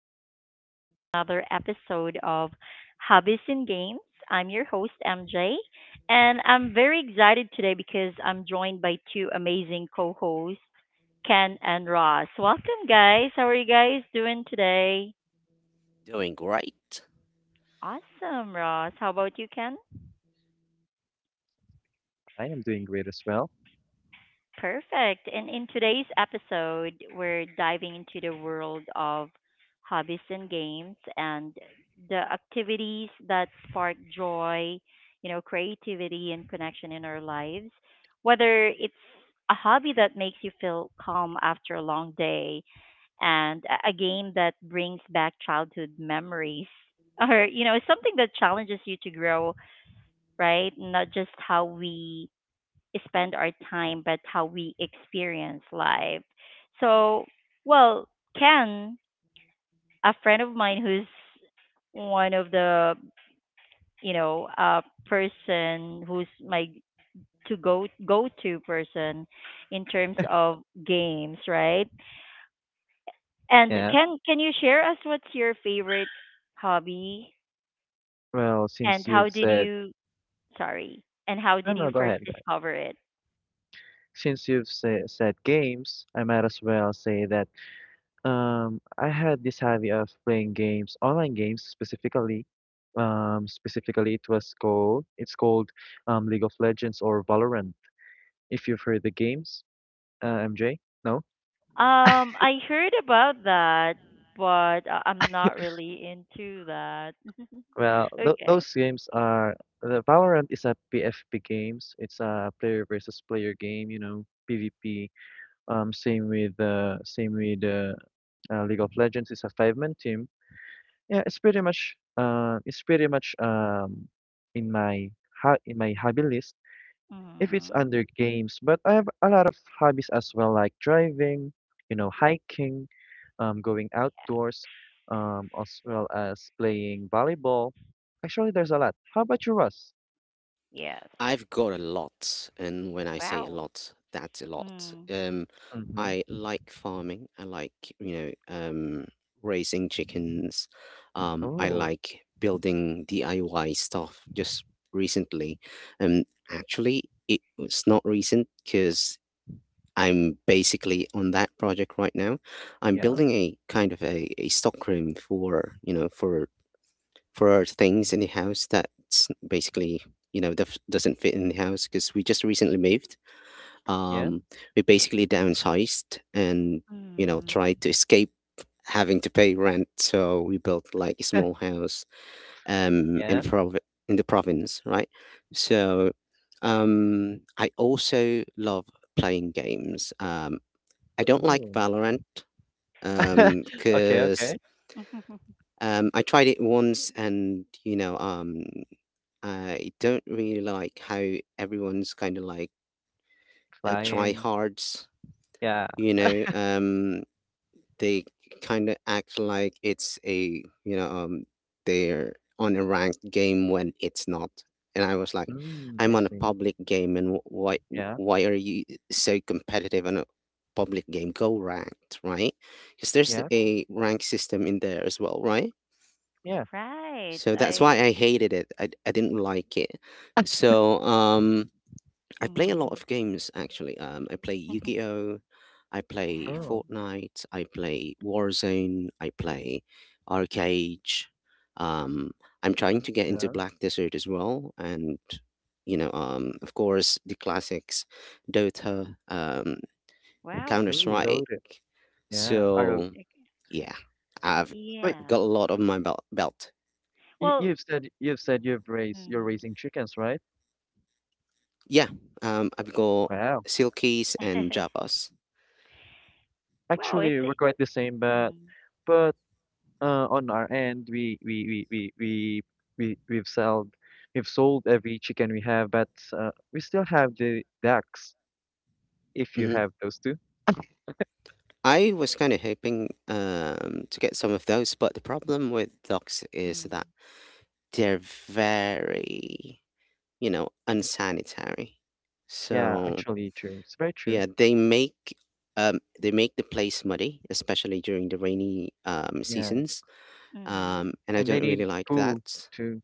welcome to another episode of Hobbies and Games. I'm your host, MJ, and I'm very excited today because I'm joined by two amazing co hosts, Ken and Ross. Welcome, guys. How are you guys doing today? Doing great. Awesome, Ross. How about you, Ken? I am doing great as well. Perfect. And in today's episode, we're diving into the world of hobbies and games and the activities that spark joy, you know, creativity and connection in our lives. Whether it's a hobby that makes you feel calm after a long day and a game that brings back childhood memories or, you know, something that challenges you to grow, right? Not just how we spend our time, but how we experience life. So, well, Ken, a friend of mine who's one of the, you know, uh, person who's my to go to person in terms of games, right? And Yeah. can you share us what's your favorite hobby Well, since and how you've did said you sorry and how no, did you no, go first ahead, go ahead. discover it? Since you've said games, I might as well say that I had this hobby of playing games, online games specifically. Specifically, it's called League of Legends or Valorant. If you've heard the games, MJ, no? I heard about that, but I'm not really into that. Well, th Okay. those games are the Valorant is a P v P games. It's a player versus player game, PvP. Same with League of Legends. It's a five-man team. Yeah, it's pretty much in my in my hobby list if it's Mm-hmm. under games. But I have a lot of hobbies as well, like driving, hiking, going outdoors, as well as playing volleyball. Actually, there's a lot. How about you, Russ? Yes. I've got a lot, and when I say a Wow. lot, that's a lot. Mm. Mm-hmm. I like farming. I like, you know, um, raising chickens. I Oh, like building DIY stuff just recently. Um, actually, it was not recent because I'm basically on that project right now. I'm yeah, building a kind of a stock room for, you know, for things in the house that's basically, you know, doesn't fit in the house because we just recently moved. yeah, um we basically downsized and, you know, Mm. tried to escape having to pay rent, so we built like a small house um in yeah. the prov- in the province, right? So I also love playing games. I don't like Oh, Valorant because, okay, because, okay. I tried it once, and, you know, I don't really like how everyone's kind of like, Flying. tryhards, Yeah. you know. They kind of act like it's a, you know, they're on a ranked game when it's not. And I was like, Mm, I I'm on a see. public game, and Yeah, why are you so competitive on a public game? Go ranked, right? Because there's yeah, Right. a rank system in there as well, right? yeah. Right. So that's why I. I hated it. I didn't like it. So um. I play a lot Mm. of games actually. I play Yu-Gi-Oh, I play Wow. Oh, Fortnite, I play Warzone, I play Arcade. Um, I'm trying to get into yeah. Black Desert as well, and, you know, of course, the classics, Dota, Wow. Counter Ooh, Strike. loaded. Yeah, arrow. So Okay. yeah, I've Wait, I've Yeah. got a lot on my belt. You, Well. you've said you've said you've raised you're Mm. raising chickens, right? Yeah, I've got Wow. Silkies and Javas. Wow. It's. Actually, we're quite the same, but Mm. but on our end, we we've sold we've sold every chicken we have, but we still have the ducks. If you Mm-hmm. have those two, I was kind of hoping, to get some of those, but the problem with dogs is Mm. that they're very, you know, unsanitary. yeah, So actually, true. It's very true. yeah, they make, they make the place muddy, especially during the rainy, Yeah, seasons, Mm-hmm. And I and they don't really need like that. poo too.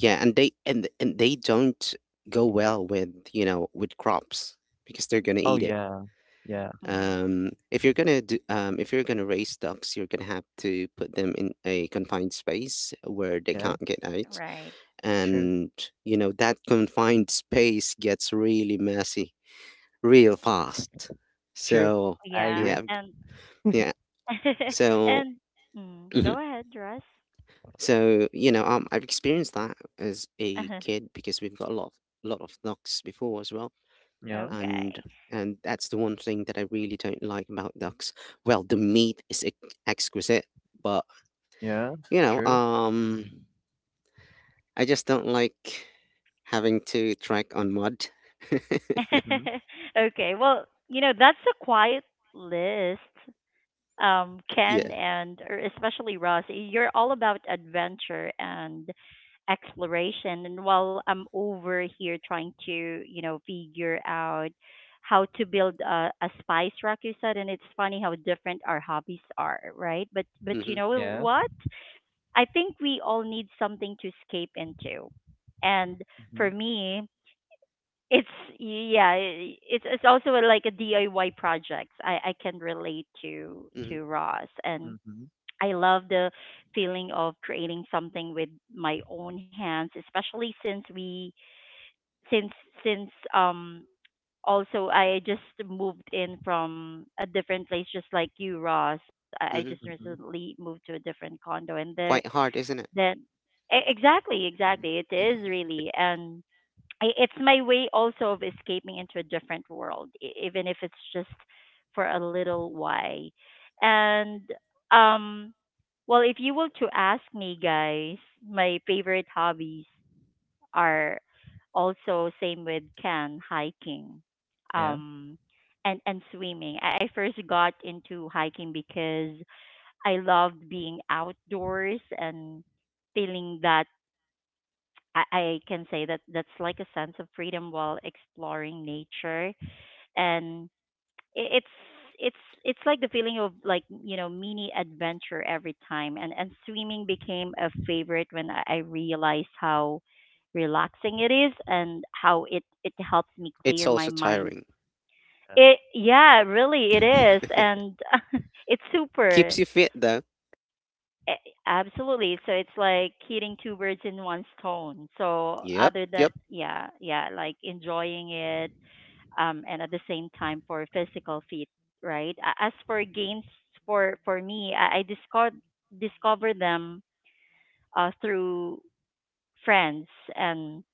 Yeah, and they and they don't go well with, you know, with crops because they're gonna Oh eat it. yeah, yeah, Mm-hmm. If you're gonna do, if you're gonna raise ducks, you're gonna have to put them in a confined space where they yeah. can't get out, Right. True. and you know that confined space gets really messy real fast. True. So I Yeah. yeah, agree. And yeah. So and mm, mhm. go ahead, Russ. So you know, I've experienced that as a kid because we've got a lot of, lot of ducks before as well, Yeah. and okay. That's the one thing that I really don't like about ducks. Well, the meat is exquisite, but Yeah. you know, True. I just don't like having to trek on mud. Mm-hmm. okay. Well, you know, that's a quiet list. Ken Yeah. and or especially Ross, you're all about adventure and exploration. And while I'm over here trying to, you know, figure out how to build a spice rack, you said, and it's funny how different our hobbies are, right? But you Mm-hmm, know Yeah. what? I think we all need something to escape into. And Mm-hmm. for me, it's yeah, it's also a, like a DIY project. I can relate mm-hmm, to Ross and Mm-hmm. I love the feeling of creating something with my own hands, especially since we since since also I just moved in from a different place just like you Ross. I mm-hmm. just Mm-hmm. recently moved to a different condo and there Quite hard, isn't it? then exactly exactly it is really and it's my way also of escaping into a different world even if it's just for a little while and um well if you were to ask me guys my favorite hobbies are also same with can hiking Yeah. um and swimming I first got into hiking because I loved being outdoors and feeling that I can say that that's like a sense of freedom while exploring nature and it's it's it's like the feeling of like you know mini adventure every time and swimming became a favorite when I realized how relaxing it is and how it it helps me It's clear my also mind tiring. Yeah. it yeah really it is and it's super Keeps you fit though. A- Absolutely. So it's like hitting two birds in one stone. So Yep, other than yep. yeah, yeah, like enjoying it, and at the same time for physical fit, right? As for games, for me, I discovered them through friends, and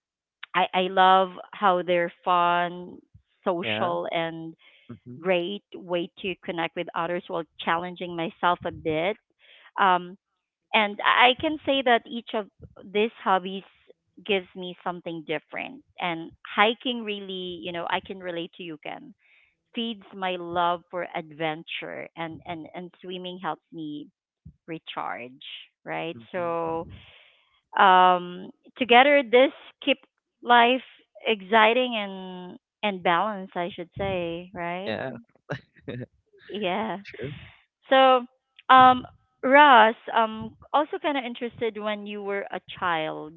I love how they're fun, Yeah. social, and Mm-hmm. great way to connect with others while challenging myself a bit. Um, and I can say that each of these hobbies gives me something different. And hiking really, you know, I can relate to you, Ken, feeds my love for adventure and, and swimming helps me recharge, right? Mm-hmm. So um, together this keep life exciting and balanced, I should say, right? Yeah. Yeah. True. So um Ross, also kind of interested when you were a child.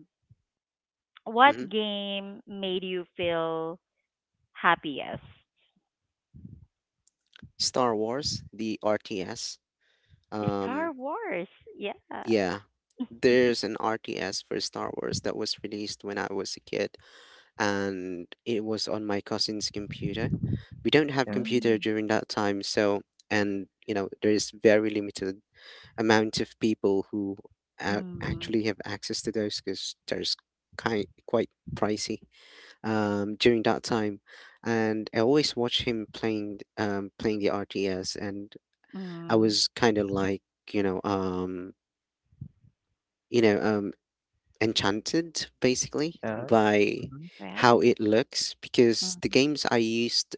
What Mm-hmm. game made you feel happiest? Star Wars, the RTS. Um, Star Wars. Yeah. Yeah. There's an RTS for Star Wars that was released when I was a kid, and it was on my cousin's computer. We don't have Yeah. computer Mm, during that time, so, and you know there is very limited amount of people who mm, actually have access to those because there's kind quite pricey during that time. And I always watch him playing playing the RTS, and I mm. was kind of like, you know, you know, enchanted basically Yeah. by Mm-hmm. how Wow. it looks because the Mm. games I used,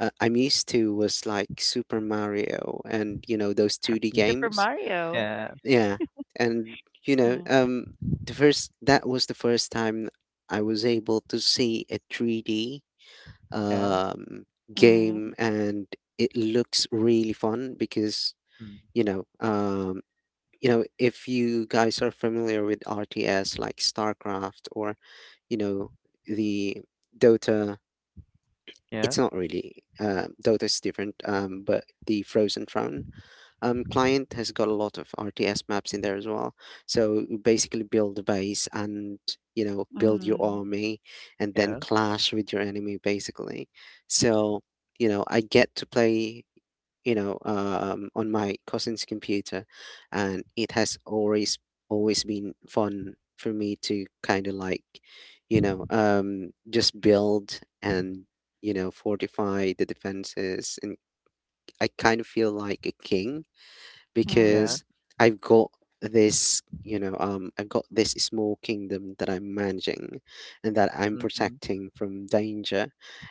I'm used to was like Super Mario and you know those 2D Mm, Super games. Mario. yeah. Yeah. And you know, Mm, the first that was the first time I was able to see a 3D Yeah. um mm, game, and it looks really fun because Mm. you know, um you know, if you guys are familiar with RTS like StarCraft or you know the Dota. Yeah. It's not really, Dota is different, but the Frozen Throne, client has got a lot of RTS maps in there as well. So you basically build a base and, you know, build mm, your army and then Yeah. clash with your enemy basically. So you know I get to play, you know, on my cousin's computer, and it has always been fun for me to kind of like, you know, just build and, you know, fortify the defenses, and I kind of feel like a king Yeah. mm. because I've got this. You know, I've got this small kingdom that I'm managing, and that I'm Mm-hmm. protecting from danger,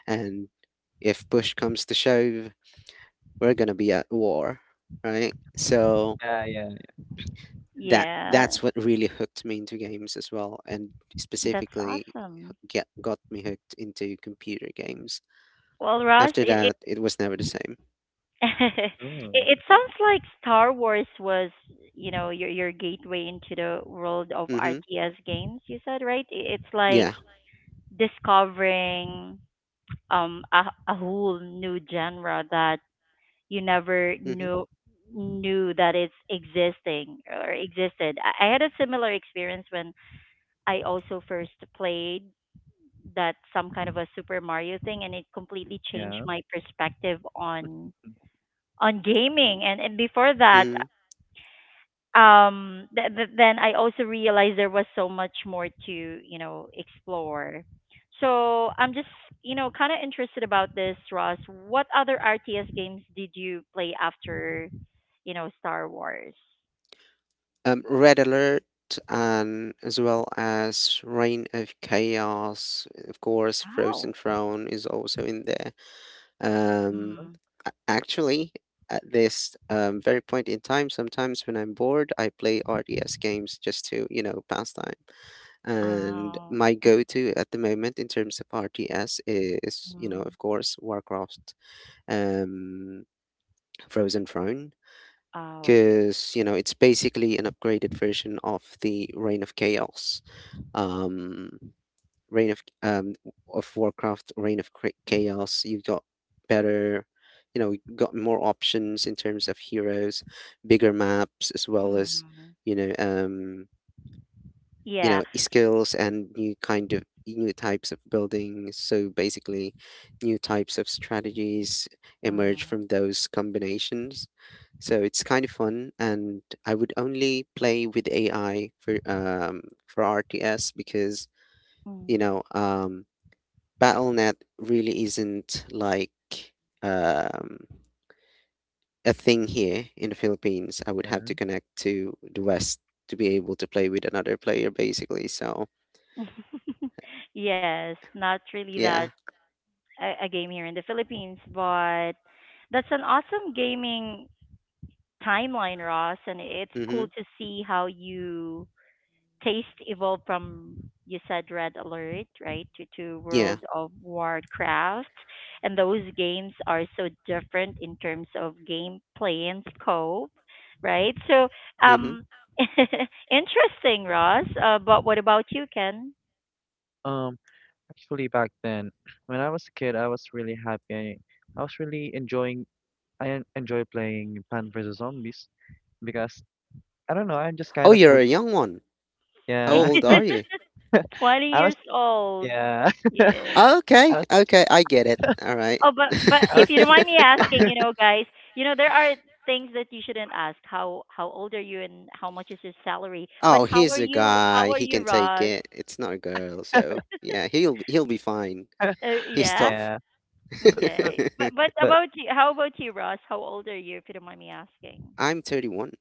and if push comes to shove, we're gonna be at war, right? So Yeah. Yeah. that Yeah, that's what really hooked me into games as well, and that's specifically awesome. get got me hooked into computer games. Well, Ross, After that, it was never the same. Oh. it it sounds like Star Wars was, you know, your gateway into the world of Mm-hmm. RTS games. You said right? It, it's like Yeah. discovering um a, a whole new genre that you never Mm-hmm. Knew that it's existing or existed. I had a similar experience when I also first played that some kind of a Super Mario thing and it completely changed Yeah. my perspective on gaming and before that Mm-hmm. Then I also realized there was so much more to you know explore. So I'm just you know kind of interested about this, Ross. What other RTS games did you play after you know Star Wars? Red Alert and as well as Reign of Chaos, of course, Frozen Oh. Throne is also in there. Um, Mm-hmm. Mm. Actually, at this very point in time, sometimes when I'm bored, I play RTS games just to, you know, pass time. And Oh. my go-to at the moment in terms of RTS is, you know, Mm. of course, Warcraft, um, Frozen Throne, Oh. because, you know, it's basically an upgraded version of the Reign of Chaos. Um, Reign of Warcraft, Reign of Chaos. You've got better, you know, you've got more options in terms of heroes, bigger maps, as well as Mm. you know, um, you Yeah. know, skills and new kind of new types of buildings. So basically, new types of strategies emerge Mm. from those combinations. So it's kind of fun, and I would only play with AI for RTS because you Mm. know Battle.net really isn't like, um, a thing here in the Philippines. I would have to Yeah. connect to the West to be able to play with another player, basically. So yes, not really that yeah, a game here in the Philippines, but that's an awesome gaming timeline, Ross, and it's mm-hmm, cool to see how you taste evolved from you said Red Alert, right, to yeah, World of Warcraft. And those games are so different in terms of gameplay and scope, right? So, mm-hmm. um, interesting, Ross. But what about you, Ken? Um. Actually, back then, when I was a kid, I was really happy. I was really enjoying. Enjoy playing Plant vs Zombies because I don't know. I'm just kind Oh, of you're a hooked. young one. How Yeah. old are you? 20 I was years old. Yeah. Yeah. I Okay, was okay, I get it. All right. Oh, but I if was you don't just re mind me asking, you know, guys, you know, there are things that you shouldn't ask. How old are you and how much is your salary? But Oh, how he's are a you? guy. How are He you, can take Ross? it. It's not a girl, so yeah, he'll be fine. He's Yeah. tough. Yeah. But but Okay. But but about you, how about you, Ross? How old are you, if you don't mind me asking? I'm 31.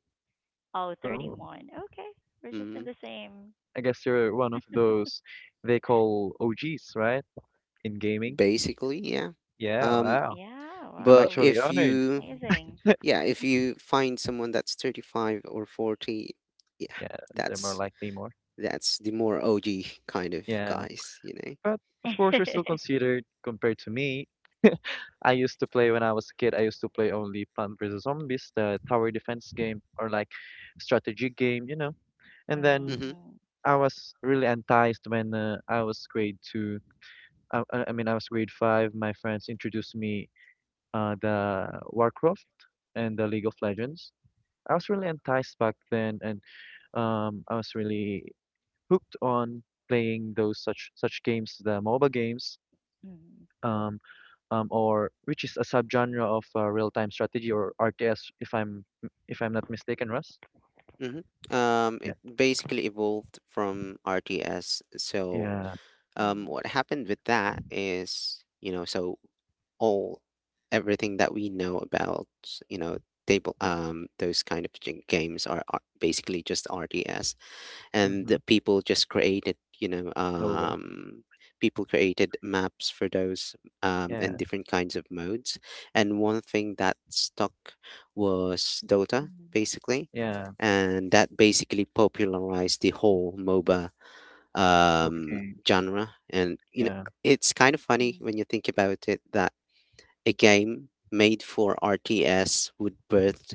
Oh, thirty Oh, one. Okay. We're just in Mm-hmm. the same. I guess you're one of those they call OGs, right? In gaming. Basically, yeah. Yeah, Um, wow. Yeah. I'm but Wow. actually if honored. you, Amazing. yeah, if you find someone that's 35 or 40, yeah, Yeah, they're more that's likely more. that's the more OG kind of Yeah. guys, you know. But of course you're still considered compared to me. I used to play when I was a kid, I used to play only Plant versus Zombies, the tower defense game or like strategy game. And then Mm-hmm. Mm, I was really enticed when I was grade two. I mean, I was grade five. My friends introduced me the Warcraft and the League of Legends. I was really enticed back then, and I was really hooked on playing those such games, the MOBA games, mm, um, or which is a subgenre of real-time strategy or RTS, if I'm not mistaken, Russ. Mm-hmm. Yeah, It basically evolved from RTS. So, yeah, mm, what happened with that is, you know, so all everything that we know about, you know, table those kind of games are basically just RTS, and mm-hmm. the people just created, you know, MOBA. People created maps for those, and Yeah, different kinds of modes, and one thing that stuck was Dota mm, basically, yeah. and that basically popularized the whole MOBA, Movie um games. genre. And you know Yeah, it's kind of funny mm. when you think about it that a game made for RTS would birth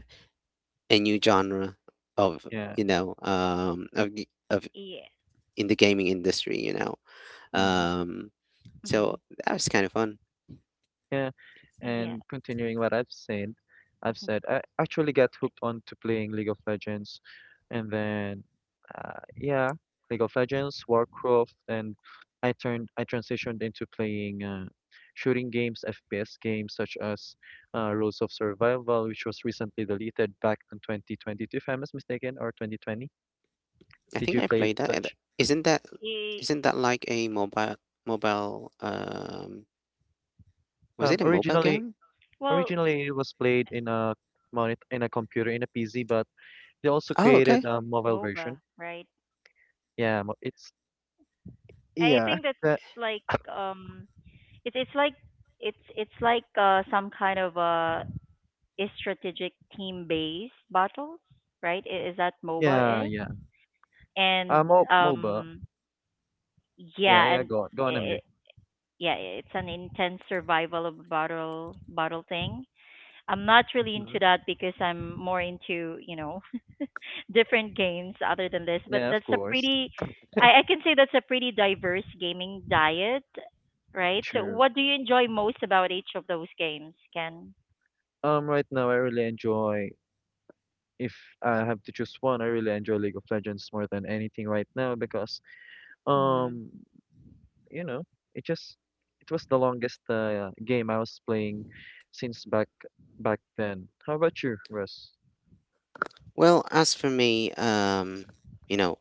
a new genre of, yeah. you know, of of Yeah. in the gaming industry. You know, Mhm. um, so Mm, that was kind of fun. Yeah. And yeah. continuing what I've said, I actually got hooked on to playing League of Legends, and then, yeah, League of Legends, Warcraft, and I transitioned into playing shooting games, FPS games such as Rules of Survival, which was recently deleted back in 2022, if I'm not mistaken, or 2020. I Did think you I play played that. And such? Isn't that It, isn't that like a mobile was Um, it a mobile originally, game? Well, Originally, it was played in a monitor, in a computer, in a PC, but they also Oh, okay. created a mobile version. MOBA, right? Yeah, it's I yeah, think that's that, like um it's like it's like some kind of a strategic team based battles, right? Is that yeah, MOBA is? yeah. And Mo MOBA. um Yeah, yeah, yeah. and Go on, go on, MJ. it, yeah, it's an intense survival of battle thing. I'm not really Mm-hmm. into that because I'm more into, you know, different games other than this. But Yeah, of that's a course. pretty, I can say that's a pretty diverse gaming diet, right? So, Sure. what do you enjoy most about each of those games, Ken? Right now I really enjoy. If I have to choose one, I really enjoy League of Legends more than anything right now because Mm, um, you know, it just it was the longest game I was playing since back then. How about you, Russ? Well, as for me, you know,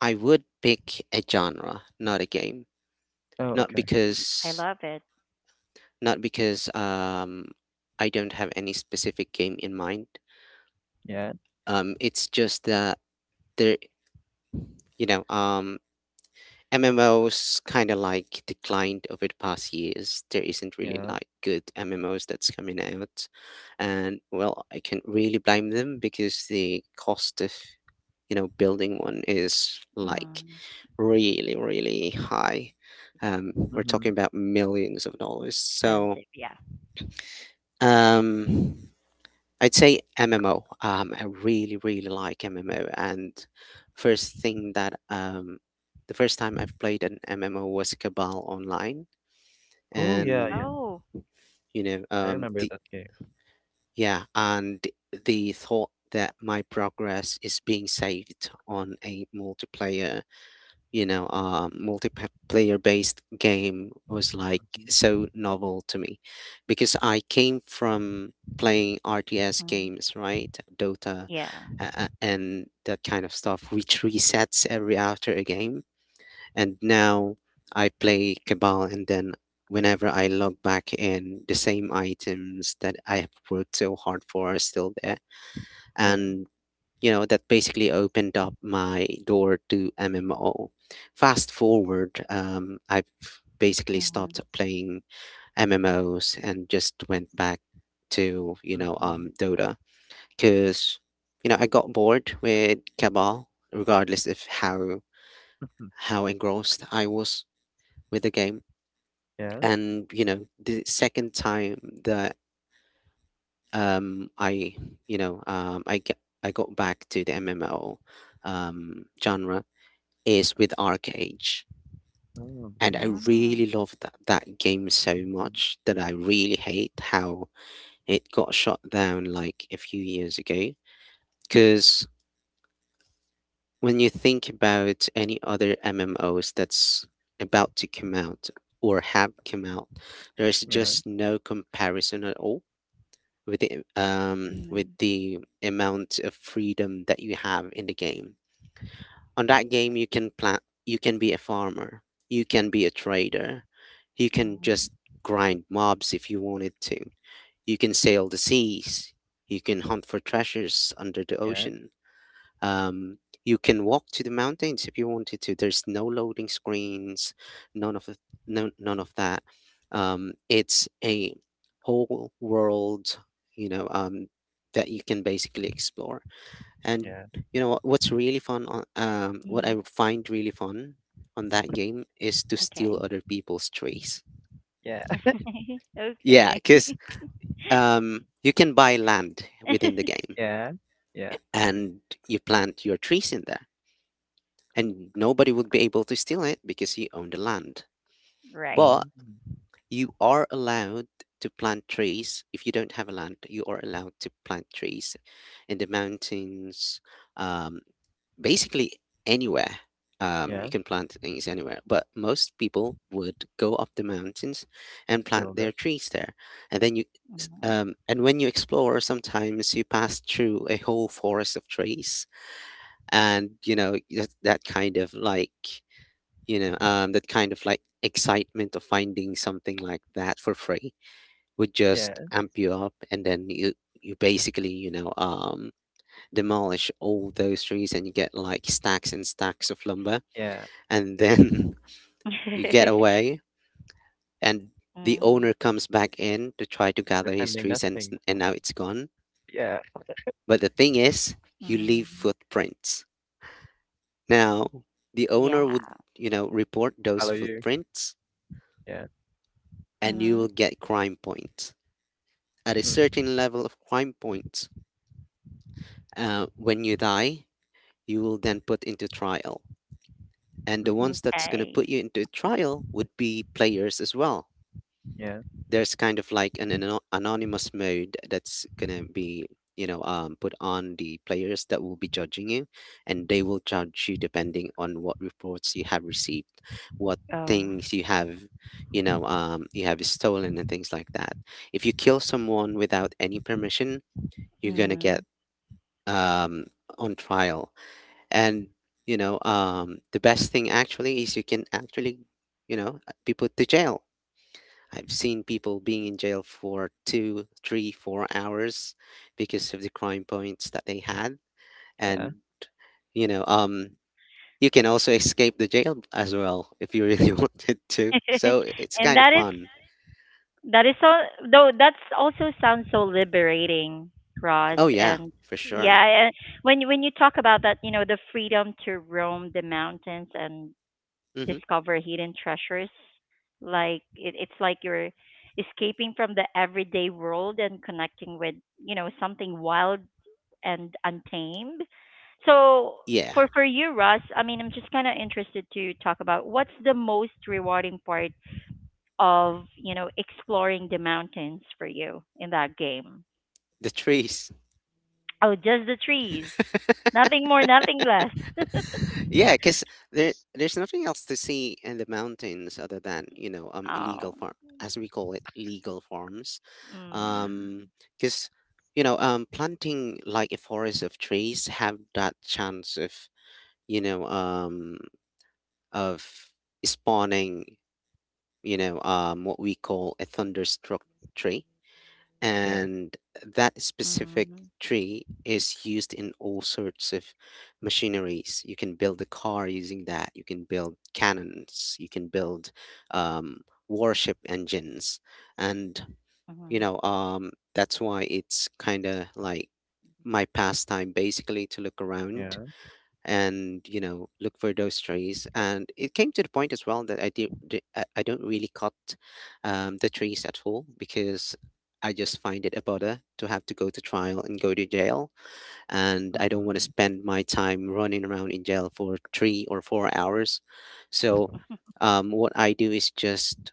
I would pick a genre, not a game. Oh, Not okay. I because love it. not because I don't have any specific game in mind. Yeah, It's just that there, you know, MMOs kind of like declined over the past years. There isn't really yeah. like good MMOs that's coming out, and well, I can't really blame them because the cost of, you know, building one is like Mm, really, really high. We're Mm-hmm. talking about millions of dollars. Expensive, yeah. um. I'd say MMO. I really, really like MMO. And first thing that the first time I've played an MMO was Cabal Online, Oh, yeah, and yeah. Oh, you know, I remember the that game. yeah, and the thought that my progress is being saved on a multiplayer, you know, multiplayer based game was like Hmm. so novel to me because I came from playing RTS mm, games, right? Dota, yeah. uh, and that kind of stuff, which resets every after a game. And now I play Cabal, and then whenever I log back in, the same items that I have worked so hard for are still there. Yeah. And you know that basically opened up my door to MMO. Fast forward, I've basically Mm-hmm. stopped playing MMOs and just went back to you know, Mm-hmm. Dota because you know I got bored with Cabal, regardless of how engrossed I was with the game. Yeah. And you know the second time that, I you know, I got back to the MMO, genre is with Arcade. Oh. And I really Mm, love that game so Hmm. much that I really hate how it got shut down like a few years ago. Because when you think about any other MMOs that's about to come out or have come out, there's Yeah. just no comparison at all with the um with mm, the amount of freedom that you have in the game on that game. You can plant, you can be a farmer, you can be a trader, you can just mm, grind mobs if you wanted to, you can sail the seas, you can hunt for treasures under the Yeah. ocean, um, you can walk to the mountains if you wanted to. There's no loading screens, none of the, no, none of that. It's a whole world, you know um, that you can basically explore. And Yeah. What I mm. find really fun on that game is to Okay. steal other people's trees. Yeah. Yeah, okay. because you can buy land within the game Yeah. Yeah. and you plant your trees in there, and nobody would be able to steal it because you own the land. right. But Mm. you are allowed to plant trees. If you don't have a land, you are allowed to plant trees in the mountains, um, basically anywhere. You Yeah. can plant things anywhere, but most people would go up the mountains and Still plant their does. trees there. And then you, and when you explore, sometimes you pass through a whole forest of trees, and you know that, that kind of like you know that kind of like excitement of finding something like that for free would just Yeah. amp you up, and then you basically demolish all those trees and you get like stacks and stacks of lumber, Yeah. and then hmm you get away. And the Mm, owner comes back in to try to gather his Defending trees and s- nothing. and now it's gone. Yeah. But the thing mm, is, you leave footprints. Now yeah. the owner would report those Follow you. footprints, Yeah. Mm-hmm. and you will get crime points. At a certain level of crime points, when you die, you will then put into trial. And the Mm-hmm. ones that's going Okay. to put you into trial would be players as well. Yeah. There's kind of like an, anonymous mode that's going to be, put on the players that will be judging you, and they will judge you depending on what reports you have received, what Oh. things you have, you have stolen and things like that. If you kill someone without any permission, you're gonna Mm. get um, on trial. And the best thing actually is you can actually, be put to jail. I've seen people being in jail for two, three, 4 hours because of the crime points that they had, Yeah. and you know, um, you can also escape the jail as well if you really wanted to. And So it's kind of fun. that is so though that's also sounds so liberating, Ross. Oh And yeah, for yeah, sure. and when you talk about that, you know, the freedom to roam the mountains and Hmm. discover hidden treasures, like it's like you're escaping from the everyday world and connecting with, you know, something wild and Untamed. So Yeah, for you, Russ, I mean, I'm just kind of interested to talk about what's the most rewarding part of you know exploring the mountains for you in that game. the trees. Oh, just the trees, nothing more, nothing less. Yeah, because there there's nothing else to see in the mountains other than illegal oh, farm, as we call it, legal farms, um mm, because planting like a forest of trees have that chance of you know um of spawning what we call a thunderstruck tree. Yeah. And that mm, specific tree is used in all sorts of machineries. You can build a car using that. You can build cannons. You can build um, warship engines, and mm, that's why it's kind of like my pastime basically to look around Yeah. and look for those trees. And it came to the point as well that I did di- I don't really cut the trees at all because I just find it a bother to have to go to trial and go to jail, and I don't want to Mm-hmm. spend my time running around in jail for 3 or 4 hours. So what I do is just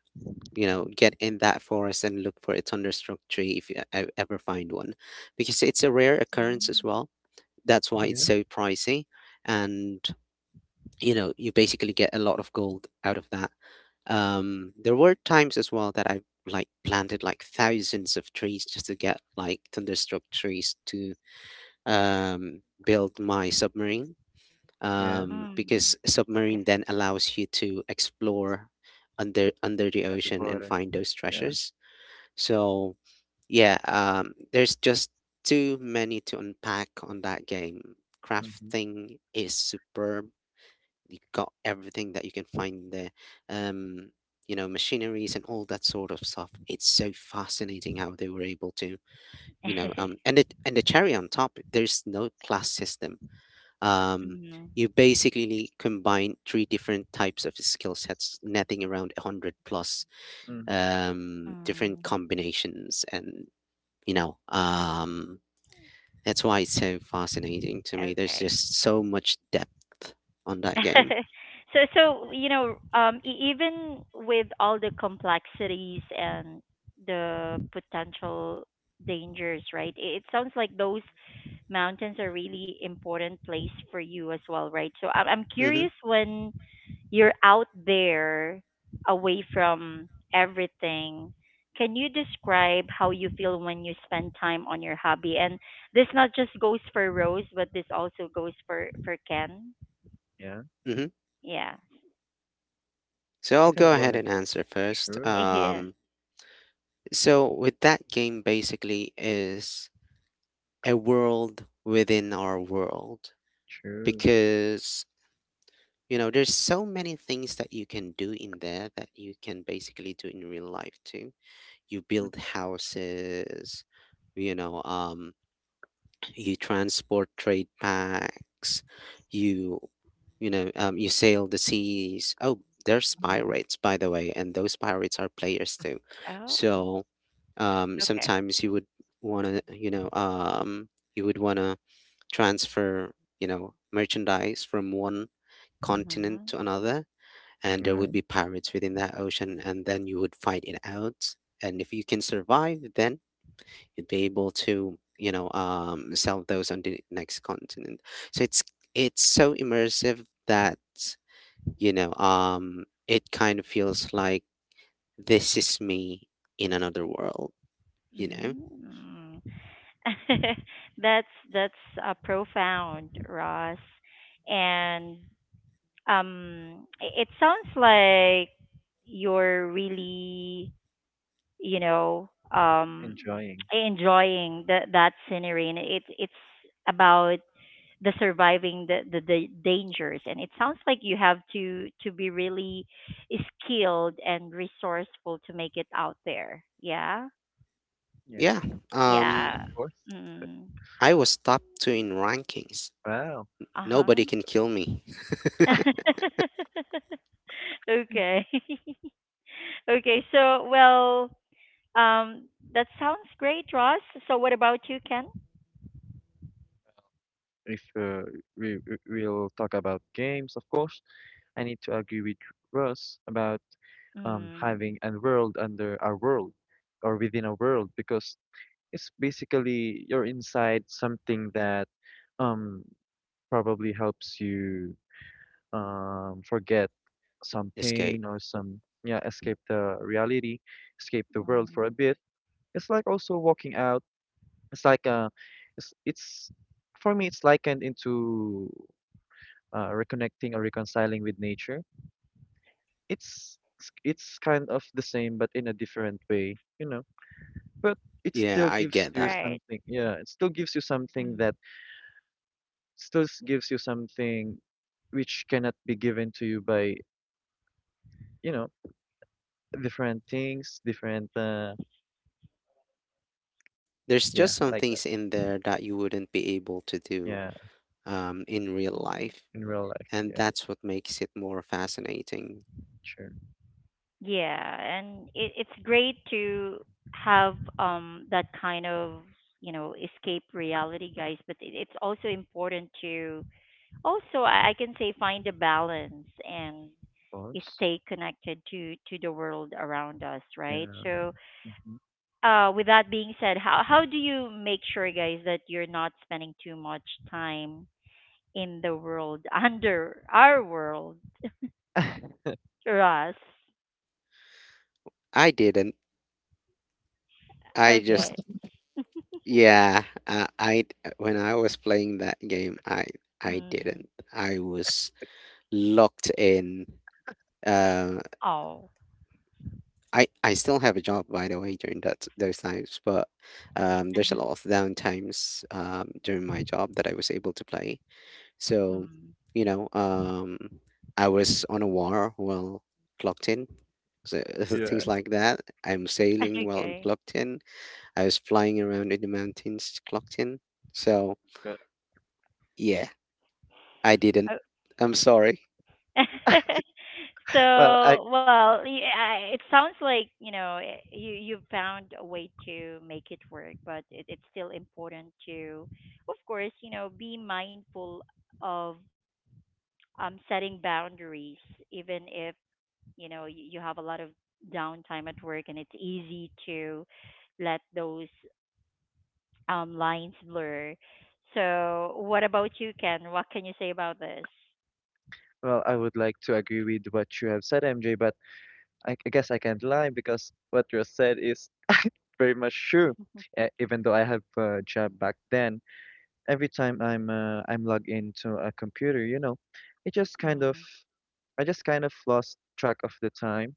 get in that forest and look for a thunderstruck tree if I ever find one, because it's a rare mm, occurrence as well. That's why it's Yeah. so pricey. And you basically get a lot of gold out of that. There were times as well that I like planted like thousands of trees just to get like thunderstruck trees to um build my submarine, Yeah. Mm. because okay. submarine then allows you to explore under the At the ocean and border. find those Yeah. treasures. So yeah, there's just too many to unpack on that game. Mm-hmm. Crafting is superb. You got everything that you can find there. um Machineries and all that sort of stuff. It's so fascinating how they were able to, and it, and the cherry on top, there's no class system. um mm, you basically combine three different types of skill sets, netting around 100 plus Mm-hmm. Different mm. combinations. And you know um that's why it's so fascinating to me. There's Okay. just so much depth on that game. so so you know even with all the complexities and the potential dangers right it sounds like those mountains are really important place for you as well right so I'm Hmm. curious when you're out there away from everything can you describe how you feel when you spend time on your hobby and this not just goes for rose but this also goes for ken Yeah. Hmm. yeah So You I'll can go go ahead ahead. and answer first. Sure. Yeah. So with that game, basically, is a world within our world, Sure. because you know, there's so many things that you can do in there that you can basically do in real life too. You build Mm-hmm. houses, you know, um, you transport trade packs, you, you sail the seas. Oh, there's Mhm. pirates, by the way, and those pirates are players too. Oh, So, okay. sometimes you would want to, you would want to transfer, merchandise from one continent Mm-hmm. to another, and there would Yeah. be pirates within that ocean, and then you would fight it out. And if you can survive, then you'd be able to, sell those on the next continent. So it's so immersive that it kind of feels like this is me in another world. You know, Mm-hmm. That's that's profound, Ross. And it sounds like you're really, you know, um, Enjoying. enjoying that that scenery, and it it's about the surviving the dangers and it sounds like you have to be really skilled and resourceful to make it out there yeah Yeah. yeah. Um, Of yeah course. mm. I was top two in rankings. Wow. Nobody uh-huh can kill me. okay okay so well um that sounds great ross so what about you ken If we'll talk about games, of course, I need to agree with Russ about mm. having a world under our world or within a world because it's basically you're inside something that um probably helps you forget some Escape. pain or some escape the reality, escape the world Mm. for a bit. It's like also walking out It's like it's For me, it's likened into reconnecting or reconciling with nature. It's kind of the same, but in a different way. But it Yeah, still I gives get you that. right something. Yeah, it still gives you something mm. that still gives you something which cannot be given to you by, you know, different things, different. There's Yeah, just some like that. things in there that you wouldn't be able to do Yeah, in real Mm. life, in real life. and Yeah, that's what makes it more fascinating. sure, of Yeah, and it, it's great to have that kind of, you know, escape reality, guys, but it's also important to also I can say find a balance and course. stay connected to the world around us, right? Yeah. So, Mhm. With that being said, how do you make sure guys that you're not spending too much time in the world under our world, Russ? I didn't. I just, Okay. yeah, I when I was playing that game, I Mm. didn't. I was locked in. Uh, Oh. I still have a job by the way during that those times, but there's a lot of downtimes during my job that I was able to play. So, Mm. you know, um, I was on a war while clocked in, so Yeah. things like that. I'm sailing while I'm Okay. clocked in. I was flying around in the mountains clocked in. So Yeah. yeah, I didn't. Oh. I'm sorry. Well, I So, well, it sounds like, you know, you you found a way to make it work, but it, it's still important to, of course, you know, be mindful of setting boundaries, even if, you know, you have a lot of downtime at work and it's easy to let those lines blur. So, what about you, Ken? What can you say about this? Well, I would like to agree with what you have said, MJ, but I guess I can't lie because what you said is very much true. Even though I have a job back then, every time I'm logged into a computer, it just kind of Mm-hmm. I just kind of lost track of the time.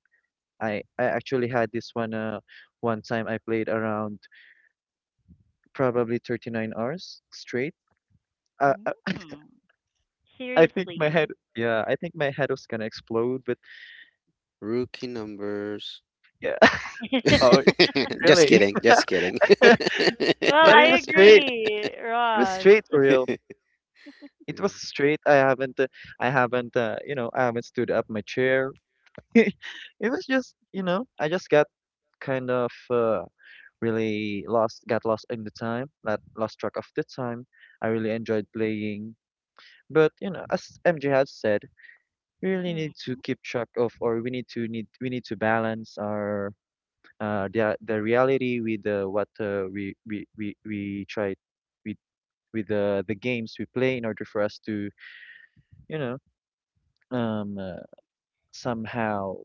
I actually had this one one time I played around probably 39 hours straight. Uh, I, Mm, I think my head seriously. Yeah, I think my head was gonna explode, but Rookie numbers. yeah. well, Oh, Just really. kidding. Just kidding. But it I was straight. agree, It was Ross. straight for real. It was Hmm. straight. I haven't, I haven't stood up my chair. It was just, I just got kind of really lost, got lost in the time, that lost track of the time. I really enjoyed playing. But, as MJ has said, we really need to Mhm. keep track of, or we need to balance our the reality with what we with the games we play in order for us to you know um, uh, somehow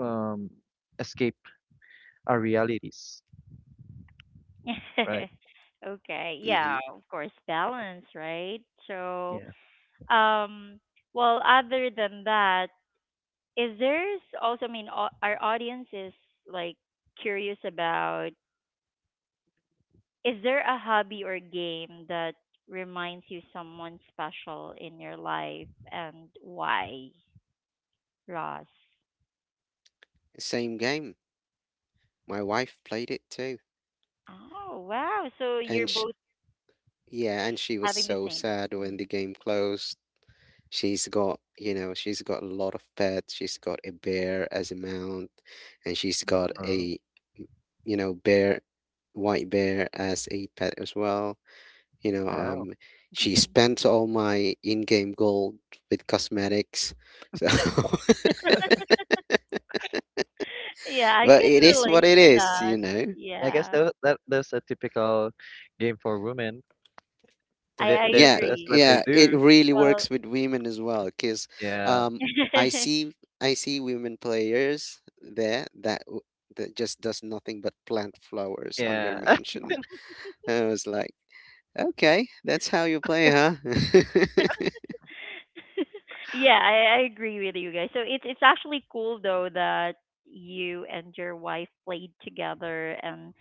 um, escape our realities, right? okay, yeah, of course, balance, right? So, Yeah. um, well, other than that, is there's also, I mean, our audience is like curious about is there a hobby or game that reminds you someone special in your life and why, Ross? Same game. My wife played it too. Oh, wow. So you're And sh both Yeah, and she was having the so same. sad when the Mhm. game closed. She's got, you know, she's got a lot of pets. She's got a bear as a mount, and she's got Mhm. Oh, a, bear, white bear as a pet as well. You know, wow. um, she spent all my in-game gold with cosmetics. So, Yeah, I but can it is what relate it to is, that. you know. I guess Yeah, that's a typical game for women. They, I they, that's agree. what they Yeah, it do. really Well, works with women as well because Yeah, um, I see I see women players there that that just does nothing but plant flowers on their yeah. mansion. I was like, okay, that's how you play, huh? yeah, I agree with you guys. So it's actually cool though that you and your wife played together, and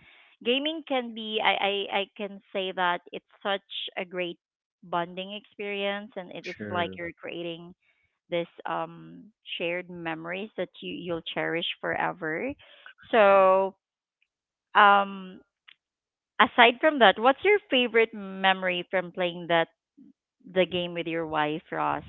gaming can be I can say that it's such a great bonding experience, and it is like True. you're creating this shared memories that you'll cherish forever. So um aside from that, what's your favorite memory from playing that the game with your wife, Ross?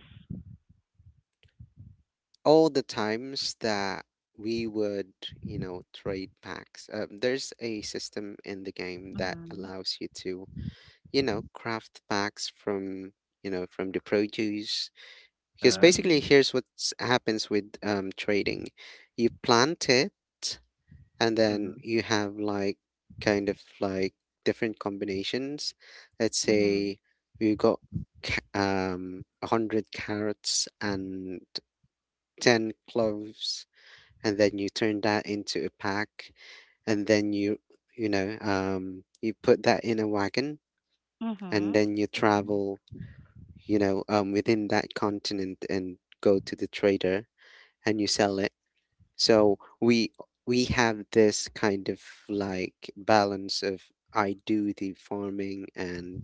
All the times that we would, you know, trade packs. There's a system in the game that Mm-hmm. allows you to, craft packs from, from the produce. Because Uh, basically, Mm, here's what happens with trading. You plant it, and then Mm-hmm, you have like kind of like different combinations. Let's mm, say you got 100 carrots and 10 cloves, and then you turn that into a pack, and then you put that in a wagon, and mm-hmm. then you mm-hmm, travel, within that continent and go to the trader and you sell it. So we have this kind of like balance of I do the farming and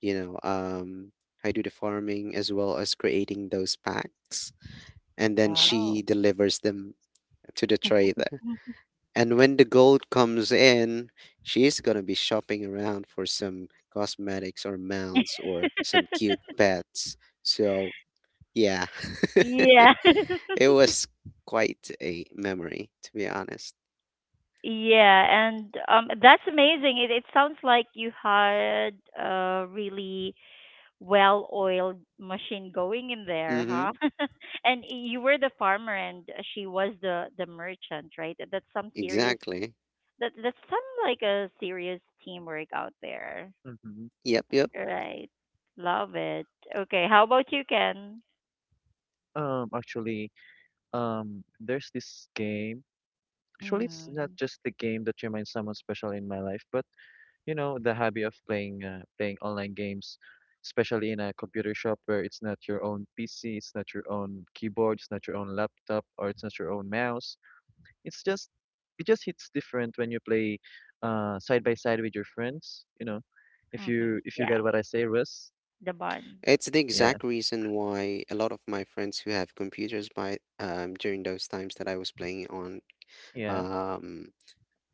you know um I do the farming as well as creating those packs, and then she Oh. delivers them to the trader. And when the gold comes in, she's going to be shopping around for some cosmetics or mounts or some cute pets. So, yeah. Yeah. It was quite a memory, to be honest. Yeah, and that's amazing. It sounds like you had a really well-oiled machine going in there, Mm-hmm. huh? And you were the farmer and she was the merchant, right? That's some serious Exactly. that's some like a serious teamwork out there. mm-hmm. Yep, yep. Right. Love it. Okay, how about you, Ken? Actually, there's this game. Actually, it's not Mhm. just the game that reminds someone special in my life, but the hobby of playing online games, especially in a computer shop where it's not your own PC, it's not your own keyboard, it's not your own laptop, or it's not your own mouse. It's just it just hits different when you play side by side with your friends. If you Mhm. if you Yeah. get what I say, Russ. The bond. It's the Yes. exact reason why a lot of my friends who have computers by during those times that I was playing on Yeah, yeah. um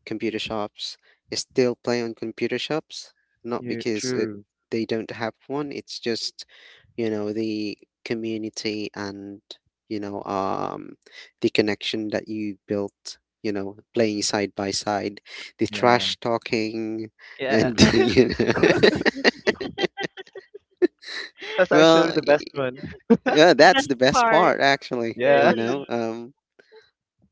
computer shops still play on computer shops, not you because True. they don't have one. It's just, you know, the community, and, you know, um, the connection that you built, you know, playing side by side, the Yeah, trash talking, yeah. and, you know, That's actually well, the y- best one. yeah, that's Best the best part, part, actually, Yeah, you know. really. Um,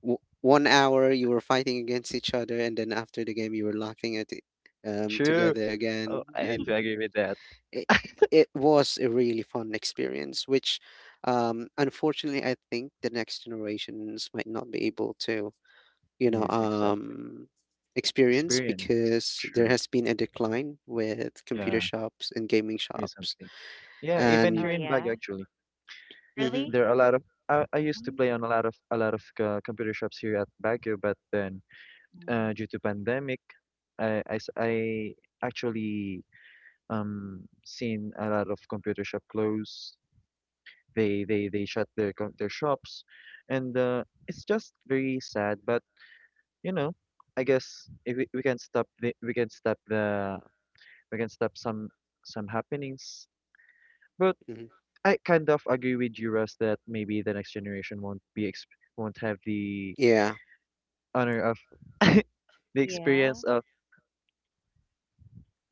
w- 1 hour you were fighting against each other, and then after the game, you were laughing at it true. together Oh, again. I need And to agree with that. it, it was a really fun experience, which unfortunately I think the next generations might not be able to, you know, Yeah, exactly. um, experience Experience. because there True. has been a decline with computer Yeah. shops and gaming shops. Recently. Oh Yeah, yeah. even And here in Baguio, actually, Really? hmm there are a lot of. I Hmm. used to play on a lot of computer shops here at Baguio, but then due to pandemic, I actually seen a lot of computer shop close. They shut their their shops, and it's just very sad. But you know, I guess if we can stop the, we can stop the we can stop some happenings. But. hmm I kind of agree with you, Russ, that maybe the next generation won't be exp won't have the yeah, honor of the Yeah. experience of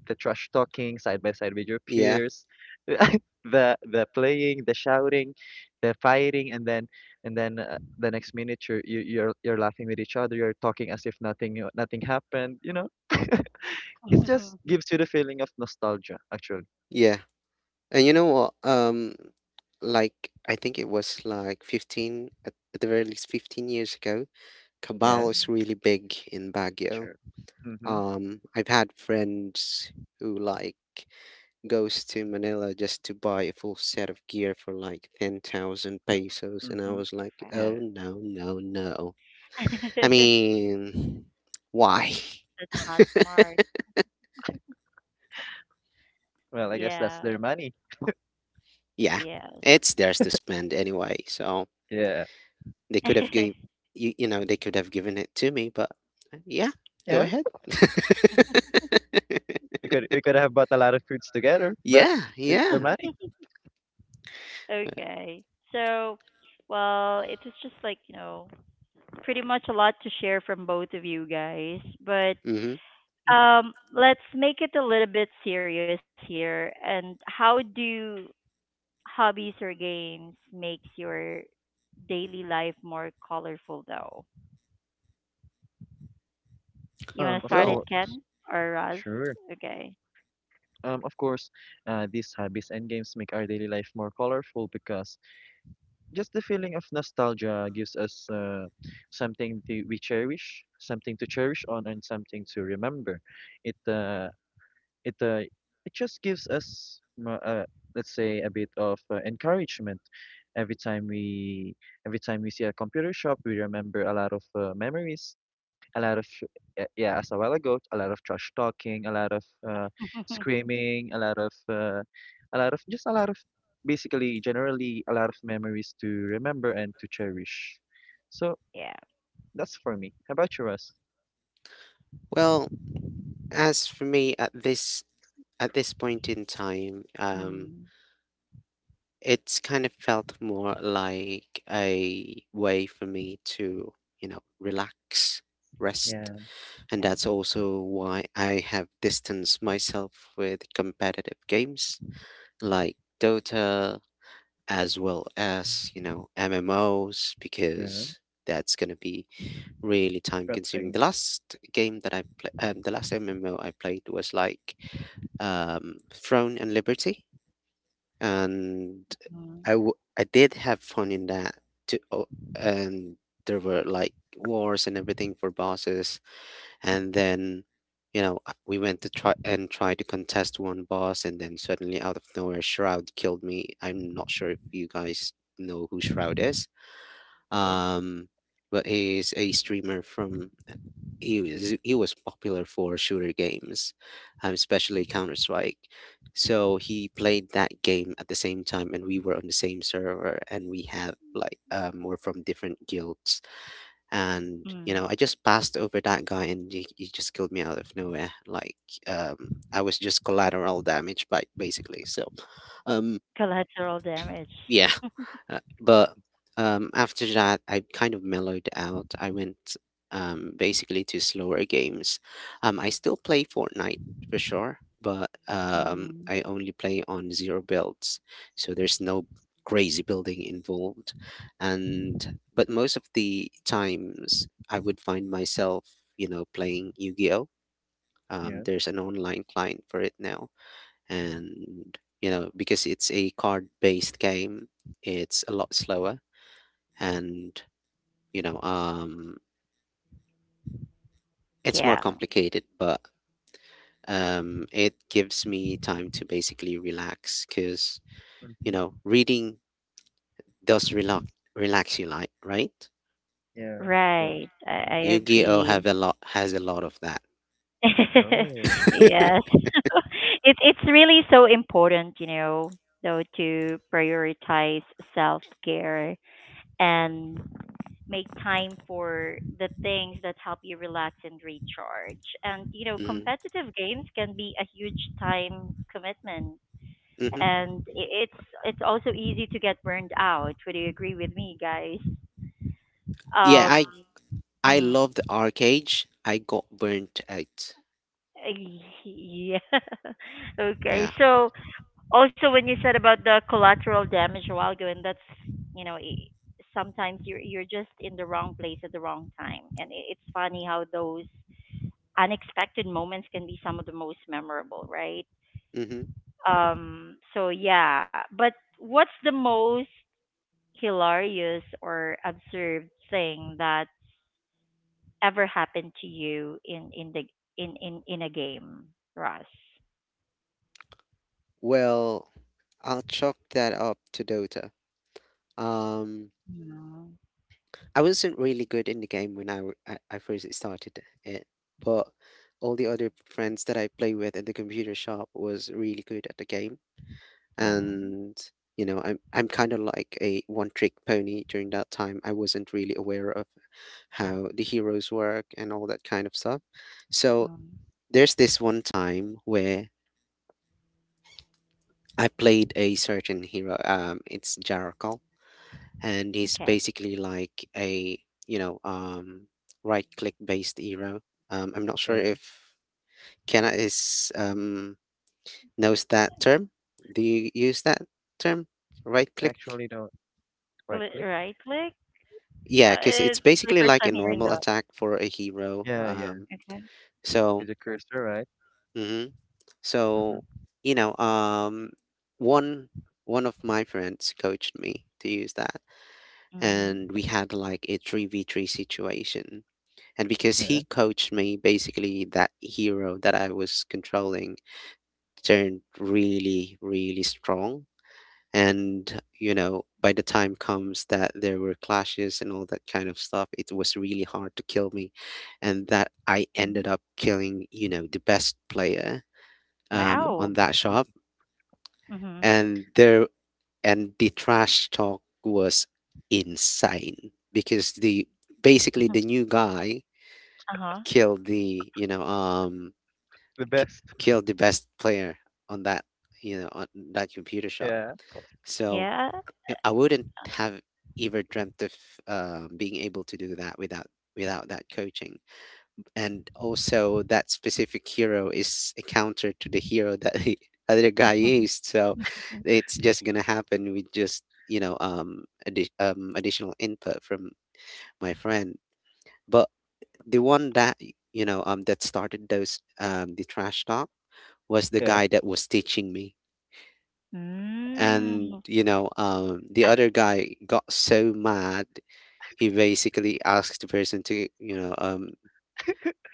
the trash talking side by side with your yeah, peers, the playing, the shouting, the fighting, and then the next minute you're you, you're laughing with each other, you're talking as if nothing happened. It just gives you the feeling of nostalgia, actually. yeah. And you know what? Like I think it was like 15 at the very least 15 years ago, Yeah, Cabal Mm. is really big in Baguio. sure. Mhm. I've had friends who like goes to Manila just to buy a full set of gear for like 10,000 pesos and I Mhm. was like, Wow. "Oh Yeah. no, no, no." I That's mean, why? not smart. Well, I guess that's Yeah. their money. Yeah. Yes. It's theirs to spend anyway, so Yeah. they could have given you, they could have given it to me, but yeah, go Yeah. ahead. We could have bought a lot of foods together, but Yeah, it's their yeah. money. Okay. So, well, it was just like, you know, pretty much a lot to share from both of you guys, but Mhm. Let's make it a little bit serious here. And how do hobbies or games makes your daily life more colorful though? You want to Of start it, Well, course. Ken or Roz? Sure. Okay. Of course, these hobbies and games make our daily life more colorful because just the feeling of nostalgia gives us something to, we cherish, something to cherish on, and something to remember. It uh, it uh, it just gives us, let's say, a bit of encouragement every time we every time we see a computer shop. We remember a lot of memories, a lot of yeah, as a while ago, a lot of trash talking, a lot of screaming, a lot of just a lot of basically generally a lot of memories to remember and to cherish. So Yeah. that's for me. How about you, Russ? well, as for me at this point in time, Mm, it's kind of felt more like a way for me to, you know, relax, rest. Yeah, And yeah. that's also why I have distanced myself with competitive games like Dota as well as, you know, MMOs yeah, because that's going to be really time consuming. pressing. The last game that I played, the last MMO I played was like Throne and Liberty and Mm, I did have fun in that too. Oh, and there were like wars and everything for bosses, and then we went to try and try to contest one boss, and then suddenly out of nowhere, Shroud killed me. I'm not sure if you guys know who Shroud is, No. um but he's a streamer from, he was popular for shooter games, especially Mhm. Counter Strike. So he played that game at the same time, and we were on the same server, and we have like we're from different guilds, and you mm. know I just passed over that guy, and he just killed me out of nowhere. Like um, I was just collateral damage, but basically, so um Collateral damage. yeah. But After that, I kind of mellowed out. I went basically to slower games. I still play Fortnite for sure, but Mm, I only play on zero builds, so there's no crazy building involved. And but most of the times, I would find myself, you know, playing Yu-Gi-Oh. Yeah. There's an online client for it now and you know because it's a card based game, it's a lot slower and you know um it's more yeah. complicated, but it gives me time to basically relax cuz you Mm-hmm. know reading does relax you, like, right? Yeah, of course. Right. I Yu-Gi-Oh agree. have a lot has a lot of that. No. Yes. It's really so important, you know, though, to prioritize self-care and make time for the things that help you relax and recharge. And you know, Mhm, competitive games can be a huge time commitment, mhm. and it's it's also easy to get burned out. Would you agree with me, guys? Yeah, Um, I mm, love the arcade, I got burnt out. yeah. Okay. Yeah, So also when you said about the collateral damage a while ago, and that's you know. I Sometimes you're just in the wrong place at the wrong time, and it's funny how those unexpected moments can be some of the most memorable, right? mhm. So yeah, but what's the most hilarious or absurd thing that ever happened to you in the in a game, Russ? Well, I'll chalk that up to Dota. Um, Mm, I wasn't really good in the game when I first started it, but all the other friends that I play with in the computer shop was really good at the game, mm, and you know, I'm kind of like a one-trick pony during that time. I wasn't really aware of how the heroes work and all that kind of stuff. So mm. there's this one time where I played a certain hero. It's Jarakal and he's Okay, basically like a you know um right click based hero. I'm not sure Yeah. if kenna is knows that term. Do you use that term, right click? Actually, don't right click. Cli right click. Yeah, because it's It's basically my like a first time normal hearing attack that. for a hero. Yeah, yeah. Okay. so With the cursor, right? hmm Mm-hmm. so you know, um one one of my friends coached me to use that, and we Mm. had like a 3v3 situation. And because Yeah. he coached me, basically that hero that I was controlling turned really, really strong. And, you know, by the time comes that there were clashes and all that kind of stuff, it was really hard to kill me. And that I ended up Mhm. killing, you know, the best player Mm-hmm. on that Wow. shop. And Mhm. there and the trash talk was insane because the basically the new guy Uh killed huh. the, The k- best. kill the best player on that, on that computer shop. Yeah. So Yeah. I wouldn't have ever dreamt of being able to do that without, without that coaching, and also that specific hero is a counter to the hero that the other guy used. So it's just gonna happen with just, you know, additional input from my friend. But the one that you know, that started those the trash talk was the Yeah. guy that was teaching me. And, you know, Mm. The other guy got so mad, he basically asked the person to, you know,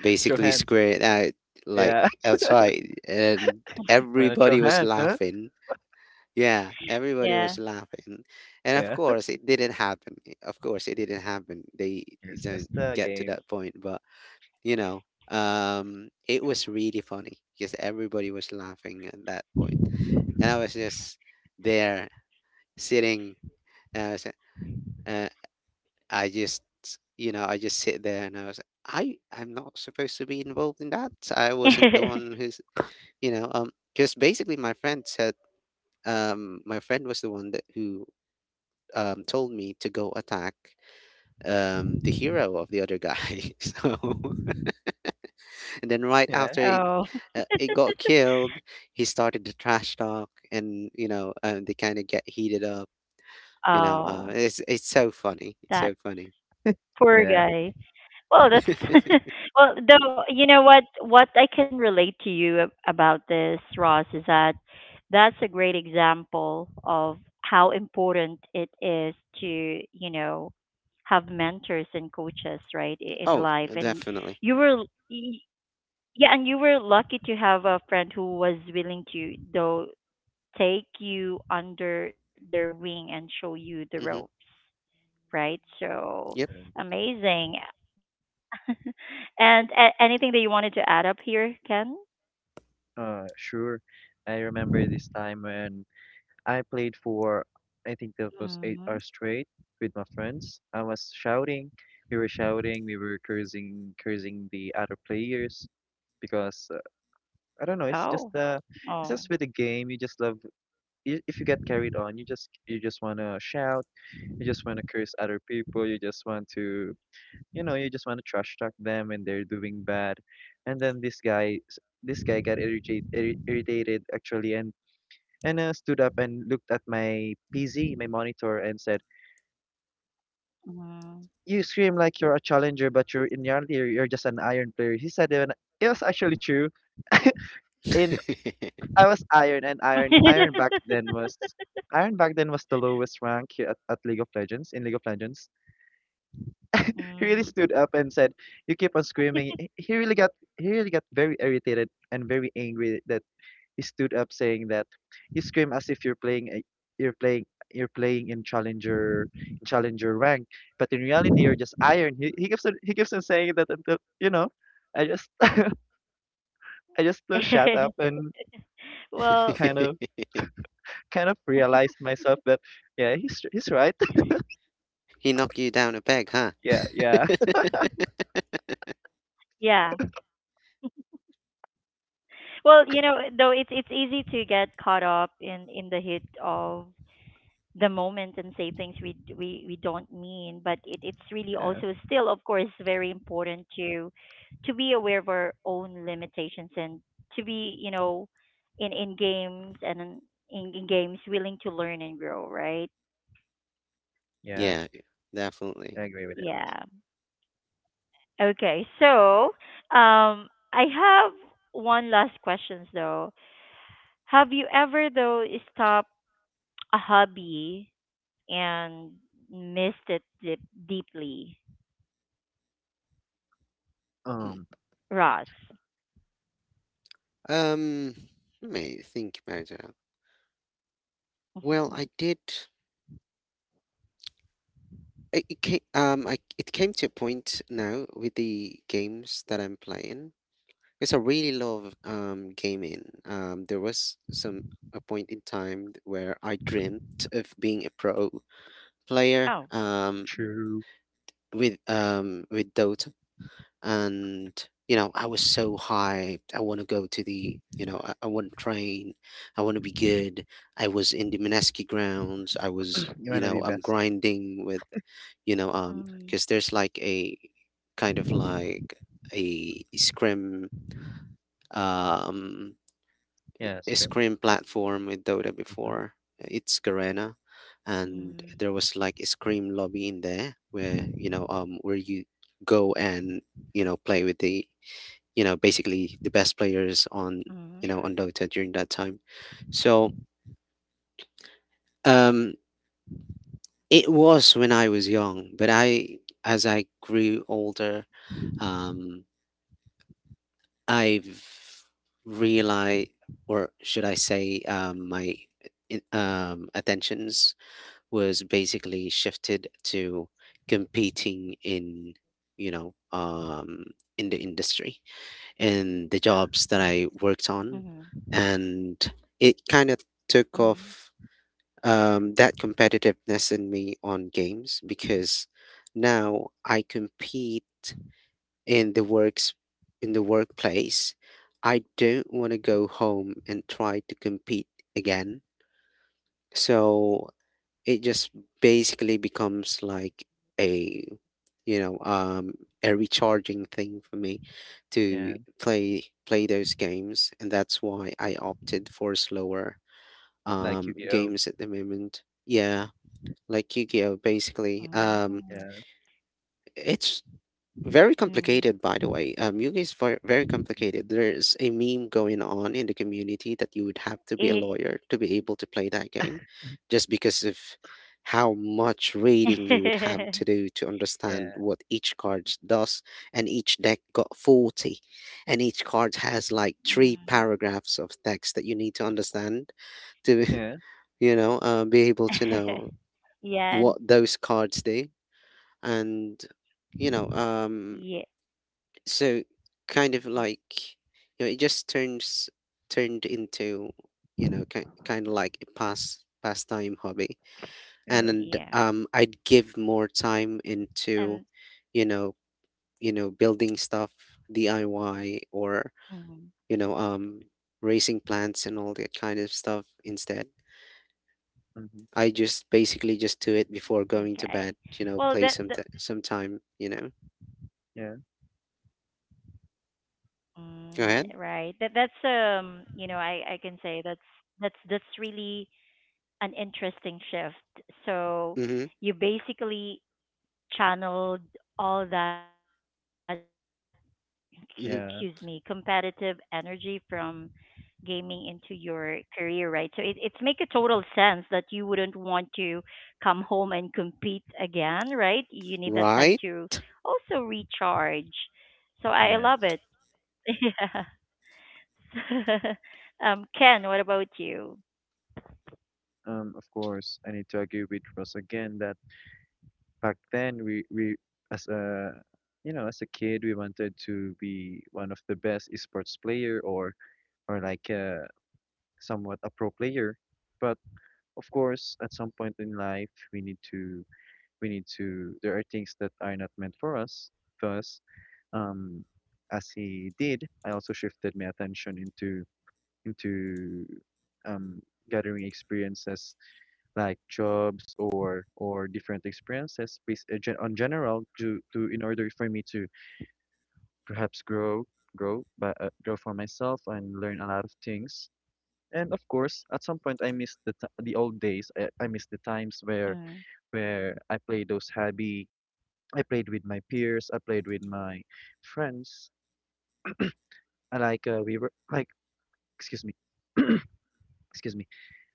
basically Johannes. square it out, like, Yeah. outside. And Wanna throw everybody was hands, huh? laughing. Yeah, everybody was laughing. Yeah. And of Yeah. course, it didn't happen. Of course, it didn't happen. They It's just didn't a get to game. that point. But you know it was really funny because everybody was laughing at that point, and I was just there sitting, and I was uh, I just you know, I just sit there, and I was, I'm not supposed to be involved in that. I wasn't the one who's, you know um just basically my friend said, my friend was the one that who told me to go attack the hero of the other guy. so, and then right Yeah. after it, Oh, it got killed, he started the trash talk, and you know, they kind of get heated up. You know, oh, it's so funny. It's that so funny. poor Yeah. guy. Well, that's well. Though you know what I can relate to you about this, Ross, is that that's a great example of how important it is to, you know, have mentors and coaches, right, in Oh, life. yeah, And definitely. you were, l- y- yeah, and you were lucky to have a friend who was willing to, though, take you under their wing and show you the ropes, Mm-hmm. right? So Yep. And, amazing. And anything that you wanted to add up here, Ken? uh, sure. I remember this time when I played for, I think that was Hmm. 8 hours straight with my friends. I was shouting. We were shouting. We were cursing the other players because I don't know. Oh, It's oh. just with the game. You just love. If you get carried on, you just wanna shout. You just wanna curse other people. You just want to. You know, you just want to trash talk them when they're doing bad. And then this guy got irritated actually, and and stood up and looked at my PZ, my monitor, and said, "You Mm. scream like you're a challenger, but you're in reality you're just an iron player." He said it, and it was actually true. In I was iron, and iron back then was the lowest rank here at League of Legends. He really stood Mm. up and said, "You keep on screaming." He really got very irritated and very angry that he stood up saying that you scream as if you're playing a, you're playing you're playing in challenger rank, but in reality you're just iron. He keeps on saying that until I just I just shut up and kind of Well, kind of realized myself that yeah he's right. He knocked you down a peg, huh? yeah yeah yeah. Well, you know, though it's easy to get caught up in the heat of the moment and say things we d- we don't mean, but it's really yeah also still of course very important to be aware of our own limitations and to be, you know, in in games and in, in games willing to learn and grow, right? yeah. Yeah, definitely. I agree with that. Yeah. Okay, so um, I have one last question though. Have you ever though stopped a hobby and missed it deep, deeply, Hmm. Um, Ross? Um, let me think about that. Well, I did. I it came to a point now with the games that I'm playing because I really love gaming. There was some A point in time where I dreamt of being a pro player Oh. True. With Dota, and you know, I was so hyped. I want to go to the, I want to train, I want to be good. I was in the Mineski grounds. I was, You you wanna be know, I'm best. grinding with, because there's like Mm, a, kind of like a scrim, um yeah a scream. scrim platform with Dota Hmm. before. It's Garena. And there was mm, like a scream lobby in there where, where you go and, you know, play with the, basically the best players on, mm, Sure. on Dota during that time. So, um, it was when I was young, but I, as I grew older, um, I've realized, or should I say, um, my attentions was basically shifted to competing in, you know um, in the industry, in the Yeah. jobs that I worked on, mm, and it kind of took off mm, that competitiveness in me on games, because now I compete in the works, in the workplace. I don't want to go home and try to compete again. So it just basically becomes like a, you know, a recharging thing for me to Yeah. play those games, and that's why I opted for slower Like Yu-Gi-Oh. games at the moment. Yeah, like Yu-Gi-Oh basically. Yeah. mm, It's very complicated, mm. by the way. Yugi is very, very complicated. Hmm. There's a meme going on in the community that you would have to be a lawyer It, to be able to play that game, just because of how much reading you would have to do to understand Yeah. what each card does. And each deck got 40, and each card has like three mm. paragraphs of text that you need to understand to, Yeah. you know, be able to know what Yeah, and- those cards do. And, you know, um, yeah, so kind of like, you know, it just turns turned into, you know, kind of like a pass pastime hobby, Yeah. and yeah. I'd give more time into, Um, you know you know, building stuff, DIY, or hmm. you know, raising plants and all that kind of stuff instead. Hmm. I just basically just do it before going to Okay. bed, you know, Well, play that, some that some time, you know. Yeah. Go mm, ahead. right. That that's you know, I can say that's that's really an interesting shift. So Mhm. you basically channeled all that, excuse me, competitive Mhm. Yeah. energy from gaming into your career, right? So it make a total sense that you wouldn't want to come home and compete again, right? You need that time to Right. also recharge. So I love Yeah. it. Yeah. Um, Ken, what about you? Of course, I need to agree with Ross again that back then we as a as a kid we wanted to be one of the best esports player or like somewhat a pro player, but of course at some point in life we need to — there are things that are not meant for us, thus um, as he did, I also shifted my attention into into um gathering experiences like jobs or different experiences based on general to in order for me to perhaps grow — but grow for myself and learn a lot of things. And of course at some point I missed the the old days. I missed the times where Mm, I played those hobby. I played with my peers. I played with my friends. I like we were like excuse me, excuse me.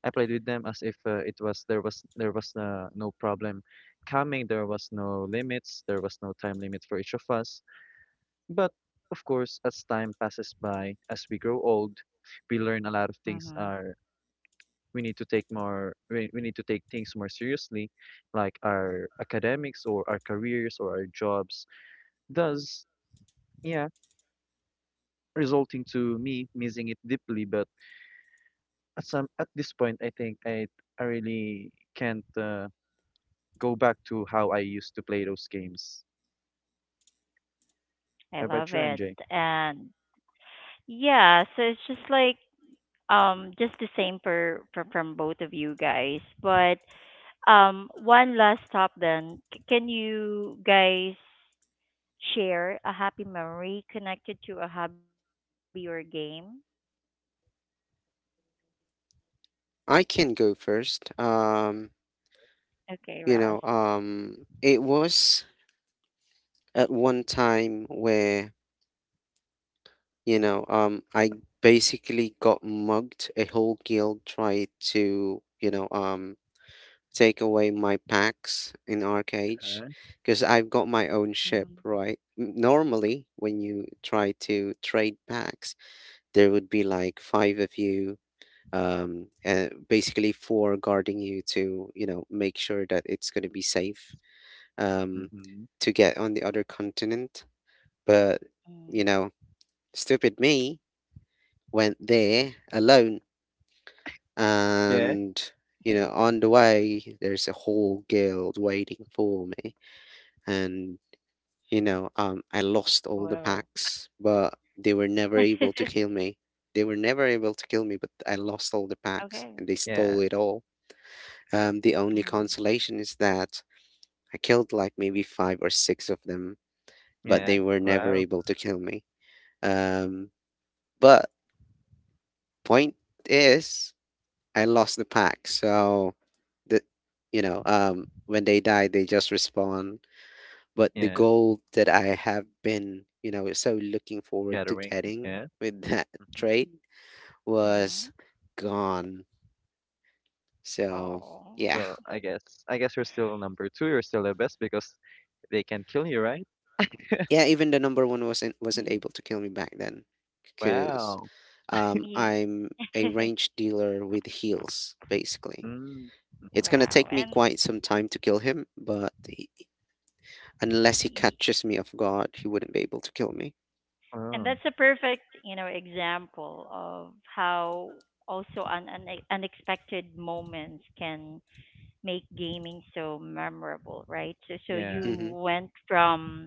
I played with them as if it was there was there was no problem coming. There was no limits. There was no time limit for each of us. But of course, as time passes by, as we grow old, we learn a lot of things hmm. are — we need to take more we need to take things more seriously like our academics or our careers or our jobs, does, yeah, resulting to me missing it deeply. But at some at this point, I think I really can't go back to how I used to play those games. I How about love you, it. MJ? And yeah, so it's just like um, just the same for from both of you guys. But um, one last stop then. C- can you guys share a happy memory connected to a hobby or game? I can go first. Okay, Ross. You know, it was at one time where, you know, I basically got mugged. A whole guild tried to, you know, take away my packs in Arcage, Uh, because I've got my Mhm. own ship, right? Normally, when you try to trade packs, there would be like five of you. Basically, four guarding you to, you know, make sure that it's going to be safe um, mm-hmm. to get on the other continent. But, Mm. you know, stupid me went there alone. Yeah, And, you know, on the way, there's a whole guild waiting for me. And, you know, I lost all the Wow. packs, but they were never able to kill me. They were never able to kill me, but I lost all the packs Okay. and they yeah, stole it all. The only Mm. consolation is that I killed like maybe five or six of them, but yeah. they were never Wow. able to kill me. Um, but point is, I lost the pack. So the, you know, when they die, they just respawn. But the Yeah, goal that I have been, you know, so looking forward to gathering. getting Yeah. with that Hmm. trade Mhm. was gone. So Oh. yeah, Well, I guess you're still number two. You're still the best because they can kill you, right? yeah. Even the number one wasn't Mhm. able to kill me back then, because Wow. Ye- I'm a range dealer with heals, basically. Mm. It's gonna wow. take me And quite some time to kill him, but he, unless he y- catches me off guard, he wouldn't be able to kill me. and that's Oh, a perfect, you know, example of how also an unexpected moments can make gaming so memorable, right? So so yeah. you Mm-hmm. went from,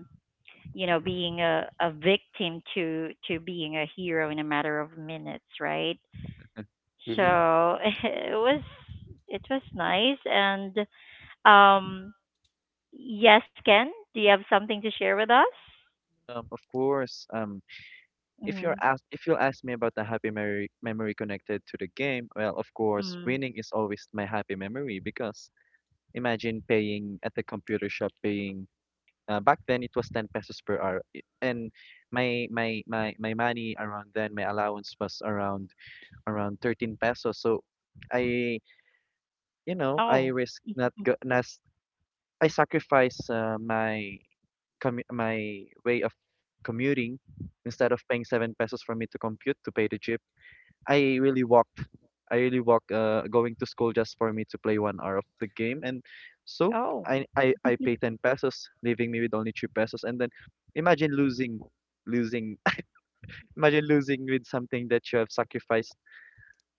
you know, being a victim to being a hero in a matter of minutes, right? So Mm-hmm. it was it was nice. And um, yes, Ken, do you have something to share with us? Of course. If Mm-hmm. you're asked, if you'll ask me about the happy memory connected to the game, well, of course, Mm. winning is always my happy memory because imagine paying at the computer shop paying back then it was 10 pesos per hour and my money around then, my allowance was around 13 pesos, so I I Oh. risk not go not, I sacrifice my my way of commuting. Instead of paying 7 pesos for me to compute to pay the jeep, I really walked. I really walked going to school just for me to play 1 hour of the game. And so Oh. I pay 10 pesos, leaving me with only 3 pesos. And then imagine losing, losing, imagine losing with something that you have sacrificed.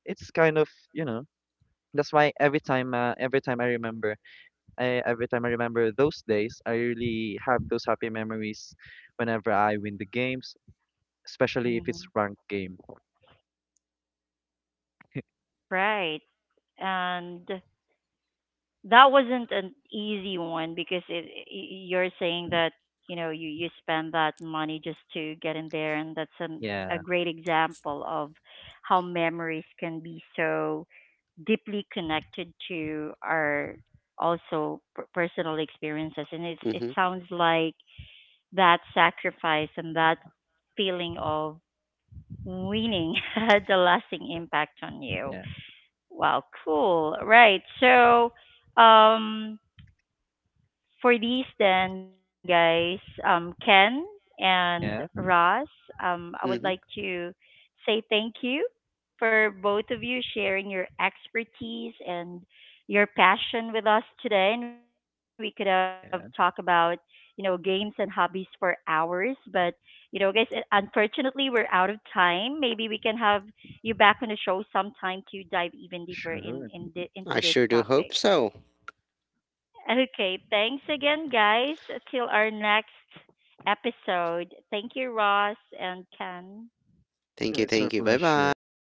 It's kind of, you know, that's why every time I remember, every time I remember those days, I really have those happy memories whenever I win the games, especially if Hmm. it's ranked game. Right. And that wasn't an easy one, because it, you're saying that you know you you spend that money just to get in there, and that's an, a Yeah, great example of how memories can be so deeply connected to our also personal experiences, and it's it Mm-hmm. sounds like that sacrifice and that feeling of winning had a lasting impact on you. yeah, Wow, cool. Right. So, um, for these then, guys, Ken and yeah, Ross, I would like Mm-hmm. to say thank you for both of you sharing your expertise and your passion with us today. And we could have talked about, you yeah, know, games and hobbies for hours. But, you know, guys, unfortunately, we're out of time. Maybe we can have you back on the show sometime to dive even deeper into sure. these I topics. sure do hope so. Okay, thanks again, guys. Till our next episode. Thank you, Ross and Ken. Thank Oh, you, it's our thank you. Bye pleasure. bye.